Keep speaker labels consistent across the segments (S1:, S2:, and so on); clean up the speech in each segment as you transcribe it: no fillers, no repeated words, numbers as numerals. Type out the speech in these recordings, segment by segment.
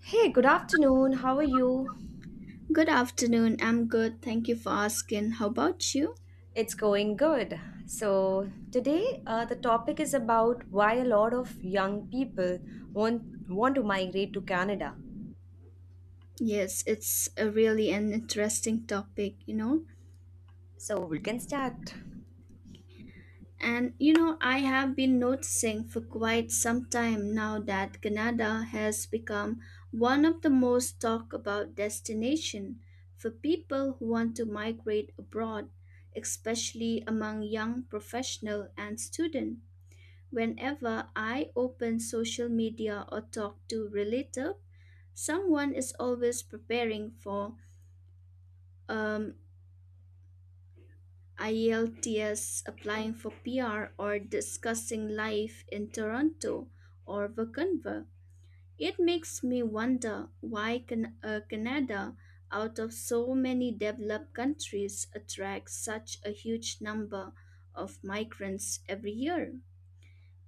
S1: Hey, good afternoon. How are you?
S2: Good afternoon. I'm good. Thank you for asking. How about you?
S1: It's going good. So, today the topic is about why a lot of young people want to migrate to Canada.
S2: Yes, it's a really an interesting topic, you know.
S1: So, we can start.
S2: And you know, I have been noticing for quite some time now that Canada has become one of the most talked about destination for people who want to migrate abroad, especially among young professional and student. Whenever I open social media or talk to relative, someone is always preparing for um, IELTS, applying for PR, or discussing life in Toronto or Vancouver. It makes me wonder why Canada, out of so many developed countries, attracts such a huge number of migrants every year.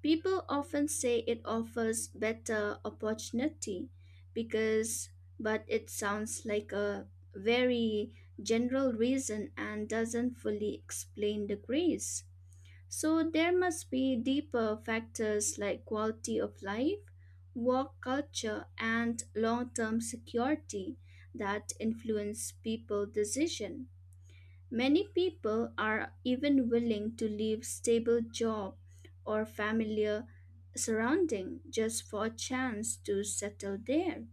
S2: People often say it offers better opportunity because, but it sounds like a very general reason and doesn't fully explain the grace. So there must be deeper factors like quality of life, work culture, and long-term security that influence people's decision. Many people are even willing to leave stable job or familiar surrounding just for a chance to settle there.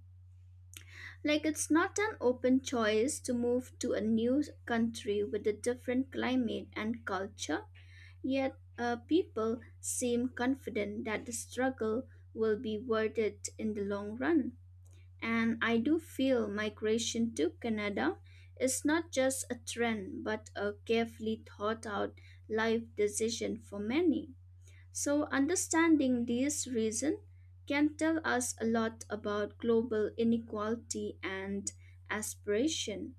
S2: Like it's not an open choice to move to a new country with a different climate and culture, yet people seem confident that the struggle will be worth it in the long run. And I do feel migration to Canada is not just a trend but a carefully thought out life decision for many. So understanding these reasons can tell us a lot about global inequality and aspiration.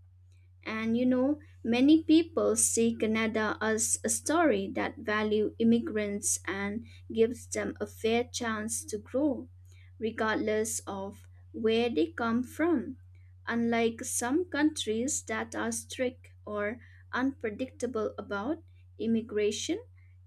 S2: And you know, many people see Canada as a story that value immigrants and gives them a fair chance to grow, regardless of where they come from. Unlike some countries that are strict or unpredictable about immigration,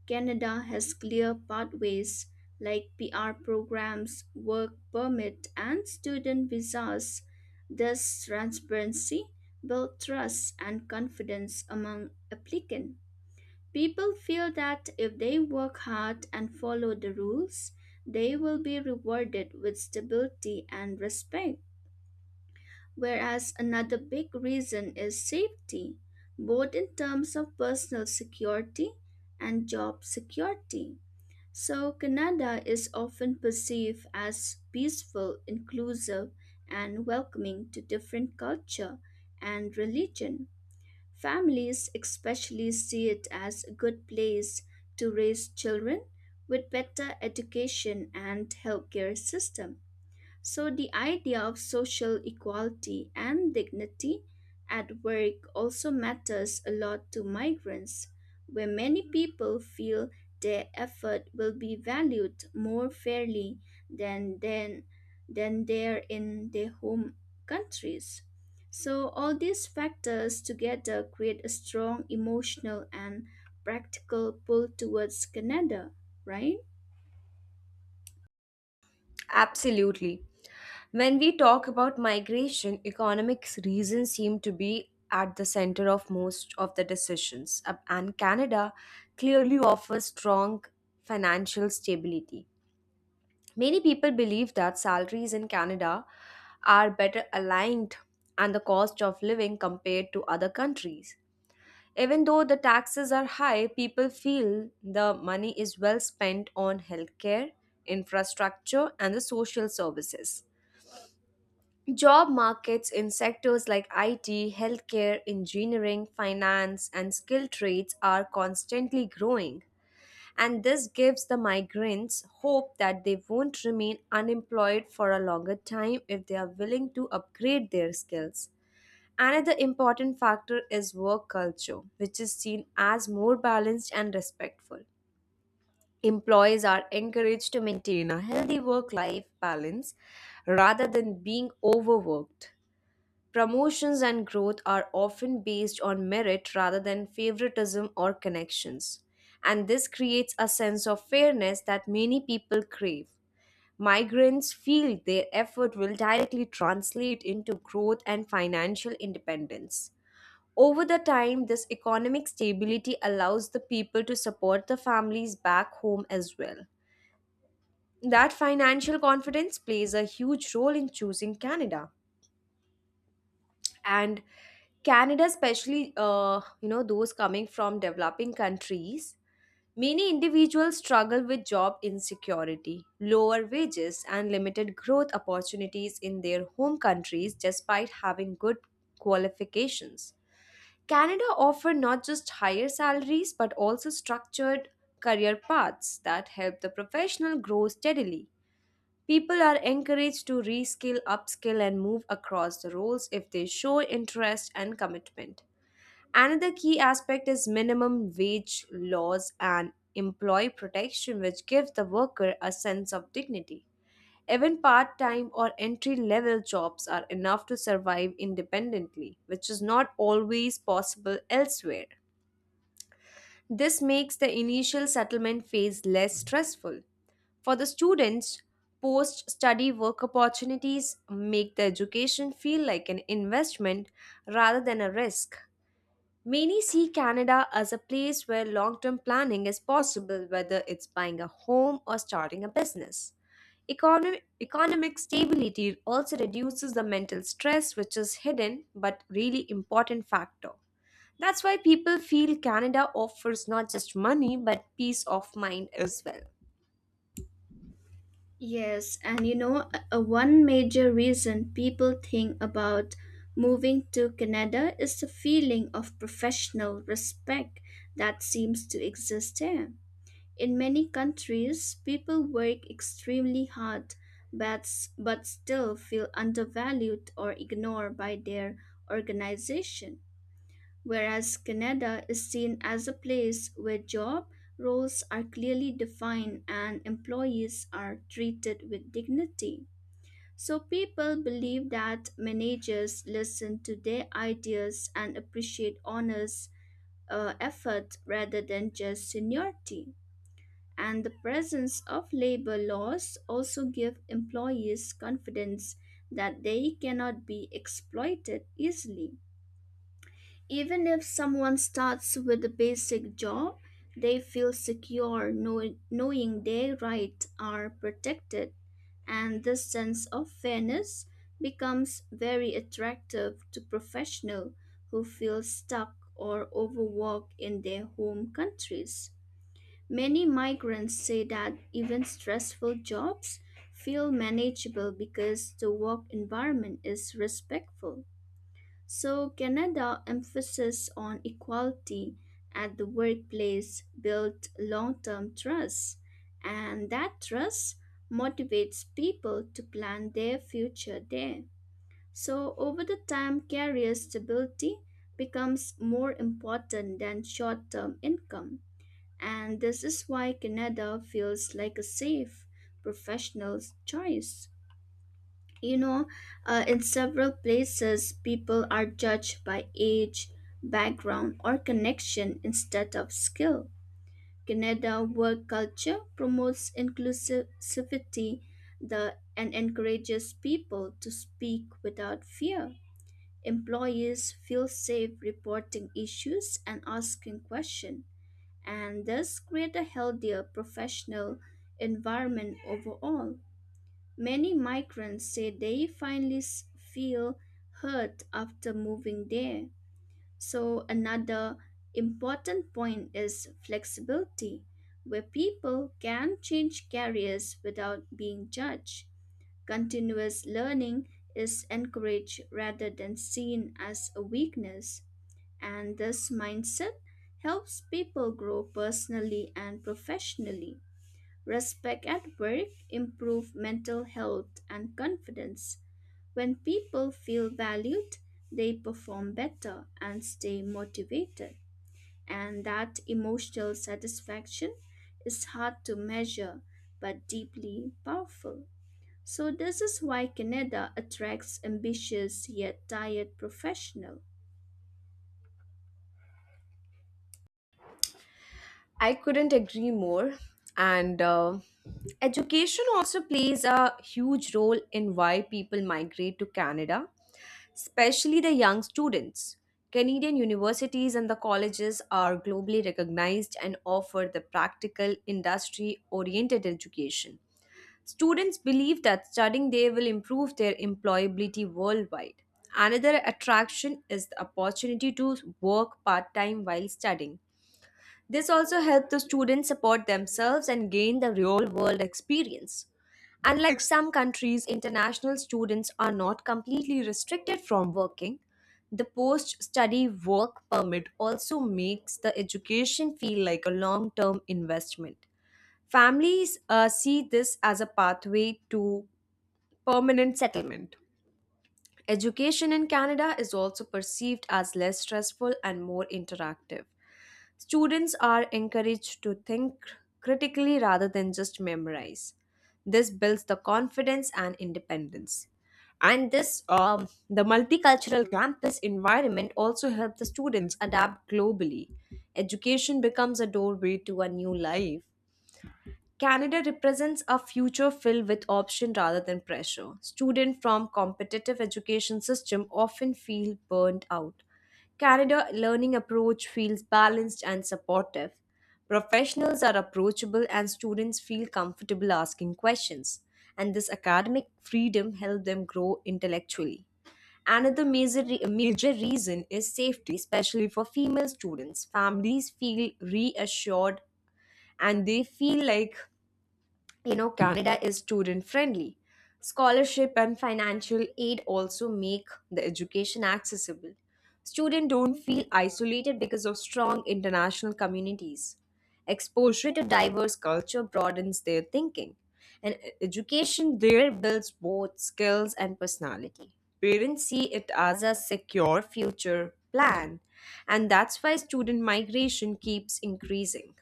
S2: Canada has clear pathways like PR programs, work permit, and student visas. This transparency build trust and confidence among applicants. People feel that if they work hard and follow the rules, they will be rewarded with stability and respect. Whereas another big reason is safety, both in terms of personal security and job security. So, Canada is often perceived as peaceful, inclusive, and welcoming to different culture and religion. Families especially see it as a good place to raise children with better education and healthcare system. So, the idea of social equality and dignity at work also matters a lot to migrants, where many people feel their effort will be valued more fairly than, than, than there in their home countries. So, all these factors together create a strong emotional and practical pull towards Canada, right?
S1: Absolutely. When we talk about migration, economics reasons seem to be at the center of most of the decisions. And Canada clearly offers strong financial stability. Many people believe that salaries in Canada are better aligned and the cost of living compared to other countries. Even though the taxes are high, people feel the money is well spent on healthcare, infrastructure, and the social services. Job markets in sectors like IT, healthcare, engineering, finance, and skilled trades are constantly growing, and this gives the migrants hope that they won't remain unemployed for a longer time if they are willing to upgrade their skills. Another important factor is work culture, which is seen as more balanced and respectful. Employees are encouraged to maintain a healthy work life balance rather than being overworked. Promotions and growth are often based on merit rather than favoritism or connections, and this creates a sense of fairness that many people crave. Migrants feel their effort will directly translate into growth and financial independence. Over the time, this economic stability allows the people to support the families back home as well. That financial confidence plays a huge role in choosing Canada. And Canada, especially those coming from developing countries, many individuals struggle with job insecurity, lower wages, and limited growth opportunities in their home countries despite having good qualifications. Canada offers not just higher salaries but also structured career paths that help the professional grow steadily. People are encouraged to reskill, upskill, and move across the roles if they show interest and commitment. Another key aspect is minimum wage laws and employee protection, which give the worker a sense of dignity. Even part time or entry level jobs are enough to survive independently, which is not always possible elsewhere. This makes the initial settlement phase less stressful. For the students, post study work opportunities make the education feel like an investment rather than a risk. Many see Canada as a place where long term planning is possible, whether it's buying a home or starting a business. Economic stability also reduces the mental stress, which is hidden but really important factor. That's why people feel Canada offers not just money but peace of mind as well.
S2: Yes, and you know, a one major reason people think about moving to Canada is the feeling of professional respect that seems to exist there. In many countries, people work extremely hard but, but still feel undervalued or ignored by their organization, whereas Canada is seen as a place where job roles are clearly defined and employees are treated with dignity. So people believe that managers listen to their ideas and appreciate honest effort rather than just seniority. And the presence of labor laws also give employees confidence that they cannot be exploited easily. Even if someone starts with a basic job, they feel secure knowing their rights are protected, and this sense of fairness becomes very attractive to professionals who feel stuck or overworked in their home countries. Many migrants say that even stressful jobs feel manageable because the work environment is respectful. So, Canada's emphasis on equality at the workplace built long term trust, and that trust motivates people to plan their future there. So, over the time, career stability becomes more important than short term income, and this is why Canada feels like a safe professional choice, you know. In several places people are judged by age, background or connection instead of skill. Canada work culture promotes inclusivity, and encourages people to speak without fear. Employees feel safe reporting issues and asking questions, and thus create a healthier professional environment overall. Many migrants say they finally feel heard after moving there. So, another important point is flexibility, where people can change careers without being judged. Continuous learning is encouraged rather than seen as a weakness, and this mindset helps people grow personally and professionally. Respect at work improves mental health and confidence. When people feel valued, they perform better and stay motivated. And that emotional satisfaction is hard to measure but deeply powerful. So this is why Canada attracts ambitious yet tired professionals.
S1: I couldn't agree more. And Education also plays a huge role in why people migrate to Canada, especially the young students. Canadian universities and the colleges are globally recognized and offer the practical, industry oriented education. Students believe that studying there will improve their employability worldwide. Another attraction is the opportunity to work part time while studying. This also helps the students support themselves and gain the real world experience. Unlike some countries, international students are not completely restricted from working. The post study work permit also makes the education feel like a long term investment. Families see this as a pathway to permanent settlement. Education in Canada is also perceived as less stressful and more interactive. Students are encouraged to think critically rather than just memorize. This builds the confidence and independence. And this, the multicultural campus environment also helps the students adapt globally. Education becomes a doorway to a new life. Canada represents a future filled with option rather than pressure. Students from competitive education system often feel burned out. Canada learning approach feels balanced and supportive. Professionals are approachable and students feel comfortable asking questions. And this academic freedom helps them grow intellectually. Another major reason is safety, especially for female students. Families feel reassured, and they feel like, you know, Canada is student friendly. Scholarship and financial aid also make the education accessible. Students don't feel isolated because of strong international communities. Exposure to diverse culture broadens their thinking, and education there builds both skills and personality. Parents see it as a secure future plan, and that's why student migration keeps increasing.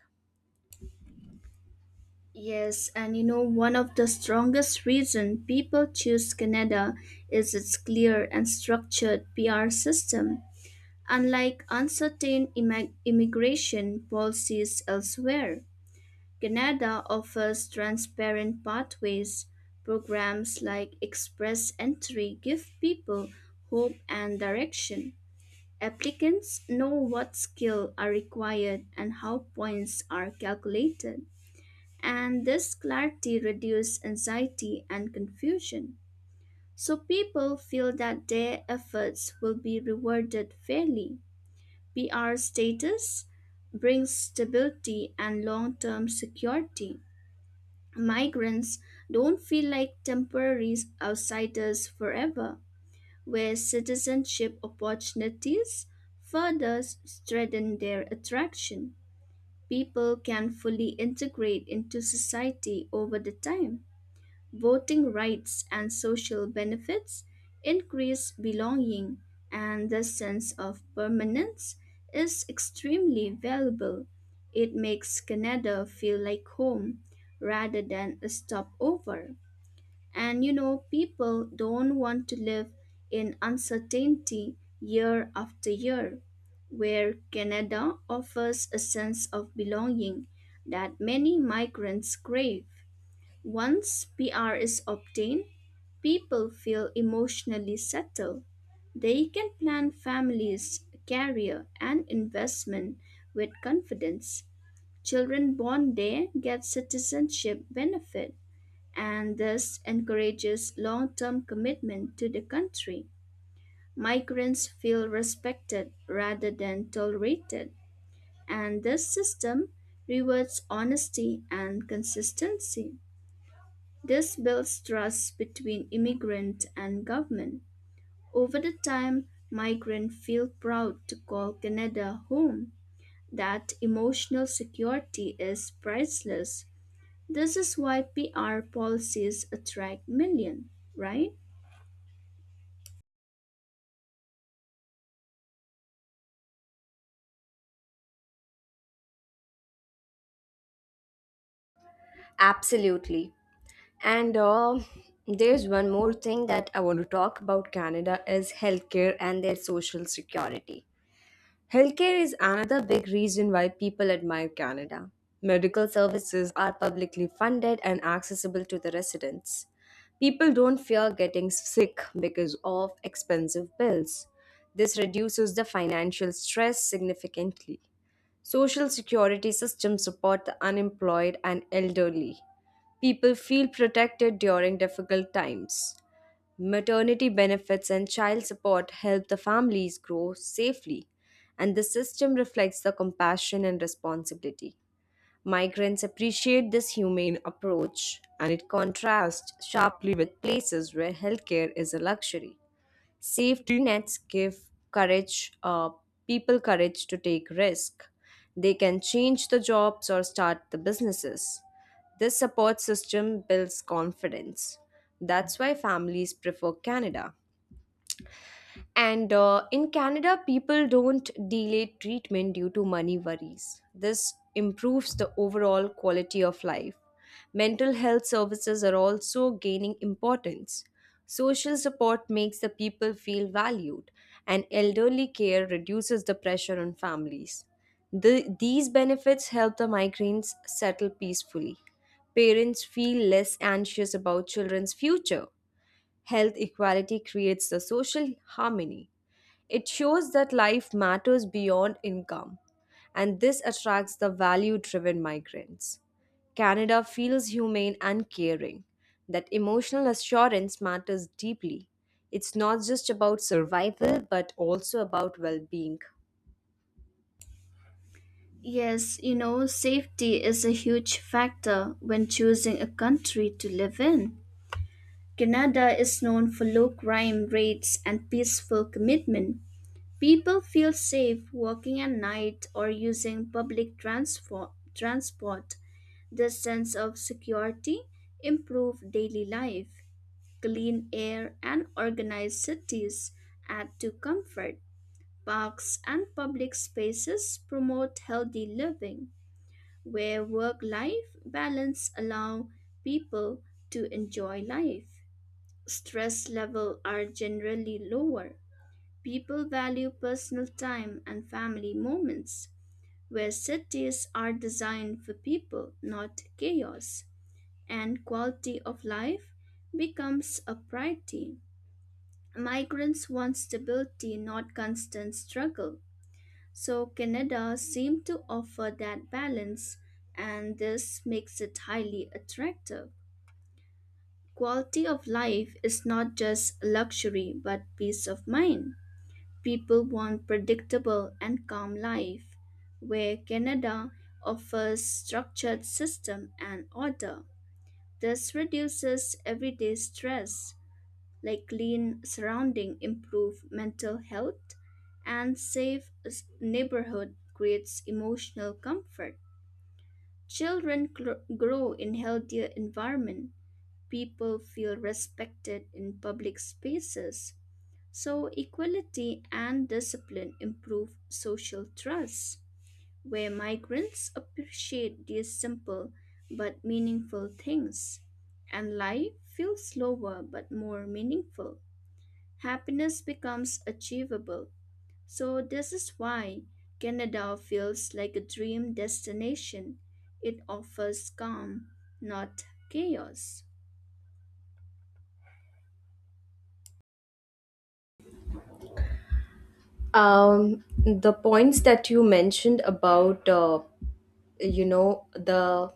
S2: Yes, and you know, one of the strongest reasons people choose Canada is its clear and structured PR system, unlike uncertain immigration policies elsewhere. Canada offers transparent pathways. Programs like Express Entry give people hope and direction. Applicants know what skills are required and how points are calculated, and this clarity reduces anxiety and confusion. So people feel that their efforts will be rewarded fairly. PR status brings stability and long term security. Migrants don't feel like temporary outsiders forever, where citizenship opportunities further strengthen their attraction. People can fully integrate into society over the time. Voting rights and social benefits increase belonging, and the sense of permanence is extremely valuable. It makes Canada feel like home rather than a stopover. And you know, people don't want to live in uncertainty year after year, where Canada offers a sense of belonging that many migrants crave. Once PR is obtained, people feel emotionally settled. They can plan families, career, and investment with confidence. Children born there get citizenship benefit and this encourages long-term commitment to the country. Migrants feel respected rather than tolerated, and this system rewards honesty and consistency. This builds trust between immigrant and government. Over the time, migrants feel proud to call Canada home. That emotional security is priceless. This is why PR policies attract millions, right?
S1: Absolutely. And There's one more thing that I want to talk about Canada is healthcare and their social security. Healthcare is another big reason why people admire Canada. Medical services are publicly funded and accessible to the residents. People don't fear getting sick because of expensive bills. This reduces the financial stress significantly. Social security systems support the unemployed and elderly. People feel protected during difficult times. Maternity benefits and child support help the families grow safely, and the system reflects the compassion and responsibility. Migrants appreciate this humane approach, and it contrasts sharply with places where healthcare is a luxury. Safety nets give courage, uh, people courage to take risk. They can change the jobs or start the businesses. This support system builds confidence. That's why families prefer Canada. And In Canada, people don't delay treatment due to money worries. This improves the overall quality of life. Mental health services are also gaining importance. Social support makes the people feel valued, and elderly care reduces the pressure on families. These benefits help the migrants settle peacefully. Parents feel less anxious about children's future. Health equality creates the social harmony. It shows that life matters beyond income, and this attracts the value driven migrants. Canada feels humane and caring, that emotional assurance matters deeply. It's not just about survival, but also about well being.
S2: Yes, you know, safety is a huge factor when choosing a country to live in. Canada is known for low crime rates and peaceful commitment. People feel safe walking at night or using public transport. This sense of security improves daily life. Clean air and organized cities add to comfort. Parks and public spaces promote healthy living, where work-life balance allow people to enjoy life. Stress levels are generally lower. People value personal time and family moments, where cities are designed for people, not chaos, and quality of life becomes a priority. Migrants want stability, not constant struggle. So, Canada seems to offer that balance, and this makes it highly attractive. Quality of life is not just luxury but peace of mind. People want predictable and calm life, where Canada offers structured system and order. This reduces everyday stress, like clean surrounding improve mental health, and safe neighborhood creates emotional comfort. Children grow in healthier environment. People feel respected in public spaces so, equality and discipline improve social trust, where migrants appreciate these simple but meaningful things, and life feels slower but more meaningful. Happiness becomes achievable. So, this is why Canada feels like a dream destination. It offers calm, not chaos.
S1: The points that you mentioned about the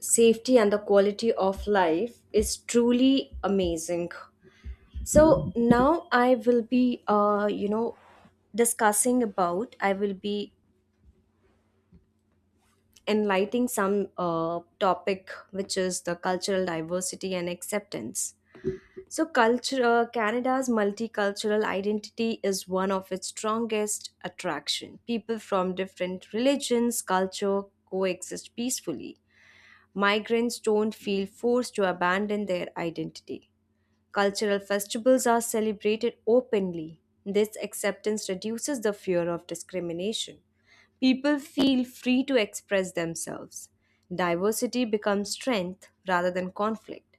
S1: safety and the quality of life is truly amazing. So now I will be, discussing about, I will be enlightening some topic, which is the cultural diversity and acceptance. So, Canada's multicultural identity is one of its strongest attraction. People from different religions, culture coexist peacefully. Migrants don't feel forced to abandon their identity. Cultural festivals are celebrated openly. This acceptance reduces the fear of discrimination. People feel free to express themselves. Diversity becomes strength rather than conflict.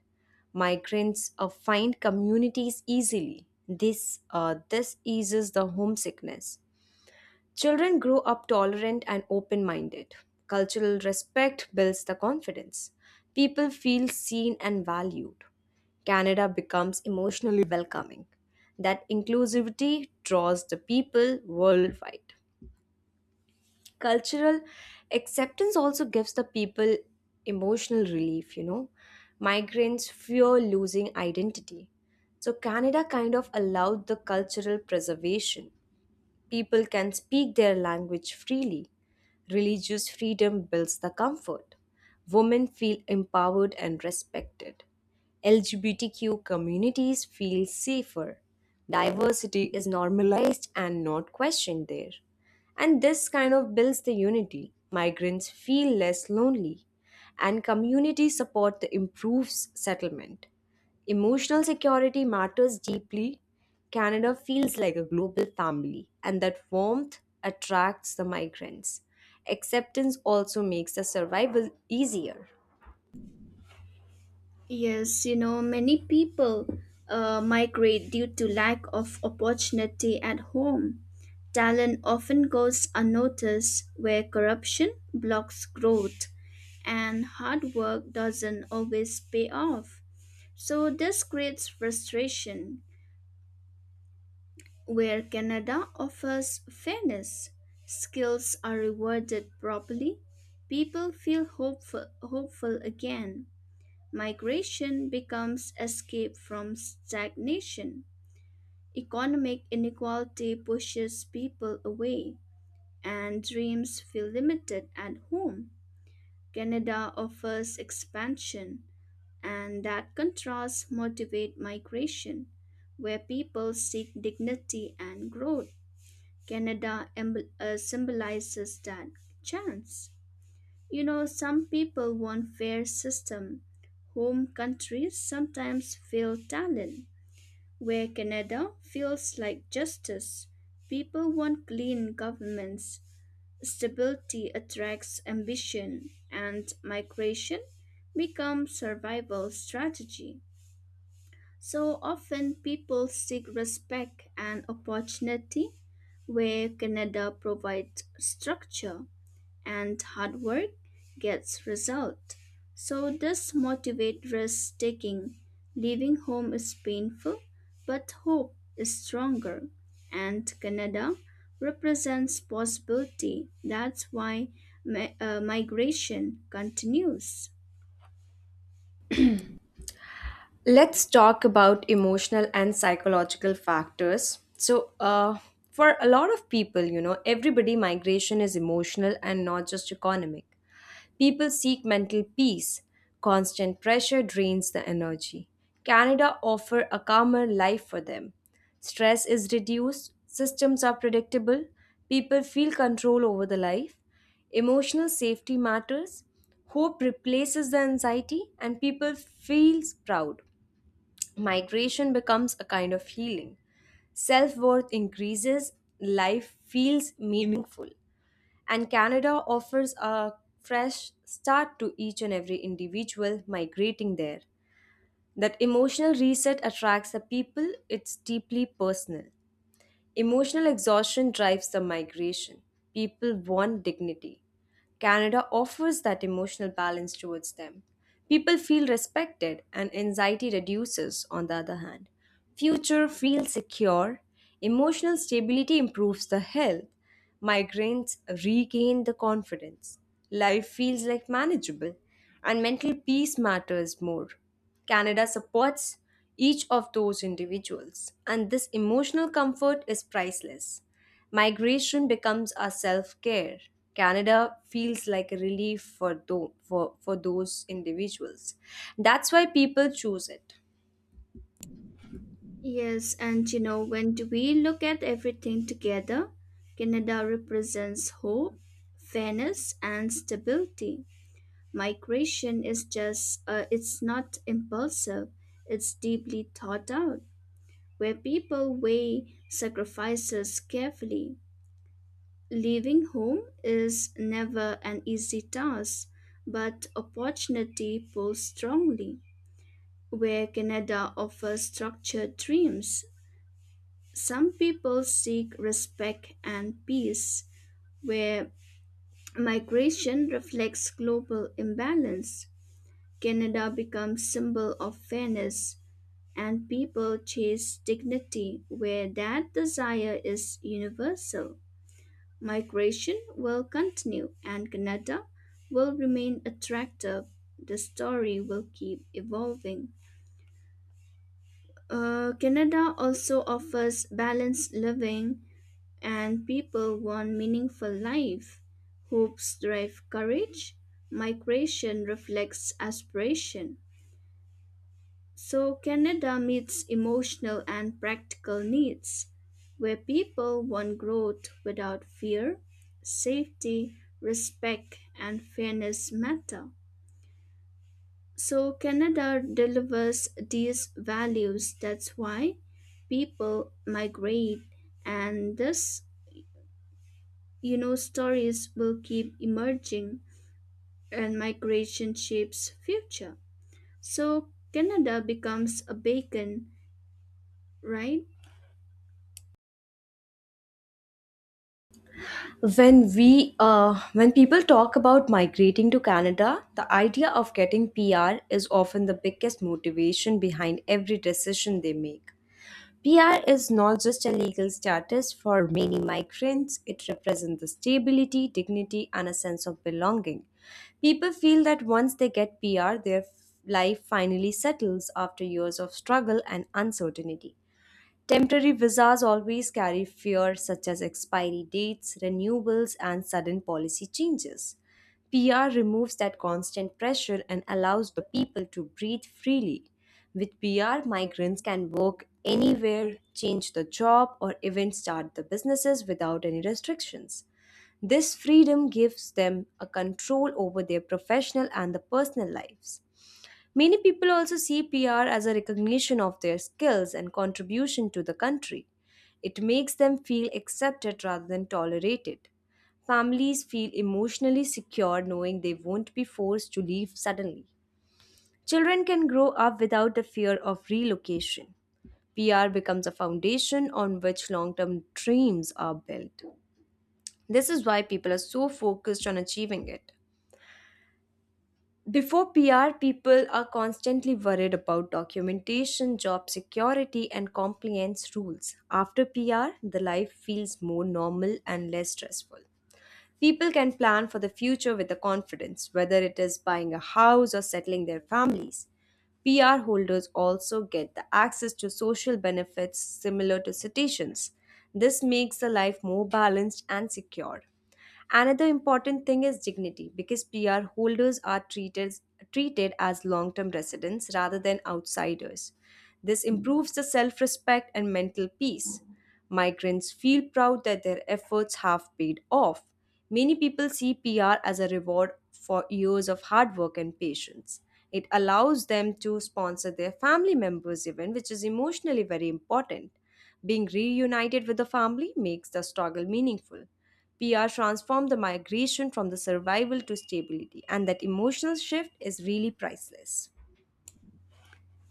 S1: Migrants find communities easily. This eases the homesickness. Children grow up tolerant and open minded. Cultural respect builds the confidence. People feel seen and valued. Canada becomes emotionally welcoming. That inclusivity draws the people worldwide. Cultural acceptance also gives the people emotional relief, you know. Migrants fear losing identity. So, Canada kind of allowed the cultural preservation. People can speak their language freely. Religious freedom builds the comfort. Women feel empowered and respected. LGBTQ communities feel safer. Diversity is normalized and not questioned there. And this kind of builds the unity. Migrants feel less lonely, and community support improves settlement. Emotional security matters deeply. Canada feels like a global family, and that warmth attracts the migrants. Acceptance also makes the survival easier.
S2: Yes, you know, many people migrate due to lack of opportunity at home. Talent often goes unnoticed where corruption blocks growth and hard work doesn't always pay off. So, this creates frustration where Canada offers fairness. Skills are rewarded properly. People feel hopeful, hopeful again. Migration becomes escape from stagnation. Economic inequality pushes people away, and dreams feel limited at home. Canada offers expansion, and that contrast motivates migration, where people seek dignity and growth. Canada symbolizes that chance. You know, some people want fair system. Home countries sometimes feel talent, where Canada feels like justice. People want clean governments. Stability attracts ambition, and migration becomes survival strategy. So often people seek respect and opportunity where Canada provides structure and hard work gets result. So this motivate risk taking. Leaving home is painful, but hope is stronger. And Canada represents possibility. That's why migration continues.
S1: Let's talk about emotional and psychological factors. So, for a lot of people, you know, everybody migration is emotional and not just economic. People seek mental peace. Constant pressure drains the energy. Canada offer a calmer life for them. Stress is reduced, systems are predictable, people feel control over the life. Emotional safety matters. Hope replaces the anxiety and people feel proud. Migration becomes a kind of healing. Self-worth increases, life feels meaningful, and Canada offers a fresh start to each and every individual migrating there. That emotional reset attracts the people, it's deeply personal. Emotional exhaustion drives the migration. People want dignity. Canada offers that emotional balance towards them. People feel respected and anxiety reduces, on the other hand. Future feels secure. Emotional stability improves the health. Migraines regain the confidence. Life feels like manageable, and mental peace matters more. Canada supports each of those individuals, and this emotional comfort is priceless. Migration becomes our self care. Canada feels like a relief for those individuals. That's why people choose it.
S2: Yes, and you know, when do we look at everything together, Canada represents hope, fairness, and stability. Migration is it's not impulsive, it's deeply thought out, where people weigh sacrifices carefully. Leaving home is never an easy task, but opportunity pulls strongly. Where Canada offers structured dreams, some people seek respect and peace, where migration reflects global imbalance. Canada becomes symbol of fairness and people chase dignity where that desire is universal. Migration will continue and Canada will remain attractive. The story will keep evolving. Canada also offers balanced living and people want meaningful life. Hopes drive courage. Migration reflects aspiration. So Canada meets emotional and practical needs, where people want growth without fear, safety, respect, and fairness matter. So Canada delivers these values. That's why people migrate, and thus, you know, stories will keep emerging, and migration shapes future. So Canada becomes a beacon, right?
S1: When people talk about migrating to Canada, the idea of getting PR is often the biggest motivation behind every decision they make. PR is not just a legal status for many migrants, it represents the stability, dignity, and a sense of belonging. People feel that once they get PR, their life finally settles after years of struggle and uncertainty. Temporary visas always carry fears such as expiry dates, renewals, and sudden policy changes. PR removes that constant pressure and allows the people to breathe freely. With PR, migrants can work anywhere, change the job, or even start the businesses without any restrictions. This freedom gives them a control over their professional and the personal lives. Many people also see PR as a recognition of their skills and contribution to the country. It makes them feel accepted rather than tolerated. Families feel emotionally secure knowing they won't be forced to leave suddenly. Children can grow up without the fear of relocation. PR becomes a foundation on which long term dreams are built. This is why people are so focused on achieving it. Before PR, people are constantly worried about documentation, job security, and compliance rules. After PR, the life feels more normal and less stressful. People can plan for the future with the confidence, whether it is buying a house or settling their families. PR holders also get the access to social benefits similar to citizens. This makes the life more balanced and secure. Another important thing is dignity because PR holders are treated as long term residents rather than outsiders. This improves the self respect and mental peace. Migrants feel proud that their efforts have paid off. Many people see PR as a reward for years of hard work and patience. It allows them to sponsor their family members' event, which is emotionally very important. Being reunited with the family makes the struggle meaningful. PR transformed the migration from the survival to stability, and that emotional shift is really priceless.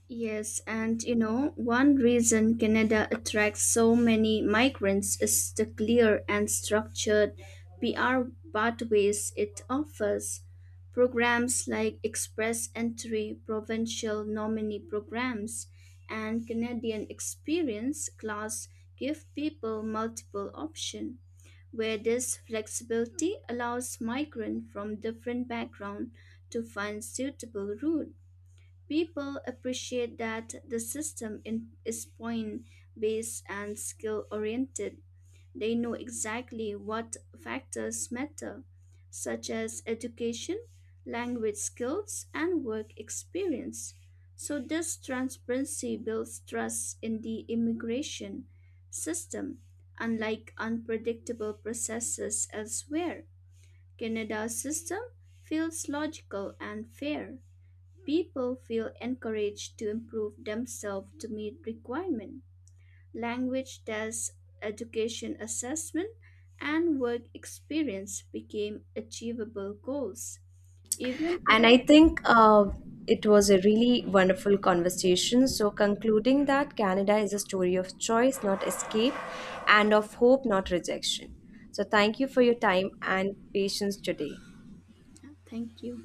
S2: Yes, and you know, one reason Canada attracts so many migrants is the clear and structured PR pathways it offers. Programs like Express Entry, Provincial Nominee Programs, and Canadian Experience class give people multiple options, where this flexibility allows migrants from different backgrounds to find suitable route. People appreciate that the system is point based and skill oriented. They know exactly what factors matter, such as education, language skills, and work experience. So, this transparency builds trust in the immigration system, unlike unpredictable processes elsewhere. Canada's system feels logical and fair. People feel encouraged to improve themselves to meet requirements. Language tests, education assessment, and work experience became achievable goals. Even
S1: And I
S2: if,
S1: think it was a really wonderful conversation. So, concluding that Canada is a story of choice, not escape, and of hope, not rejection. So, thank you for your time and patience today.
S2: thank you.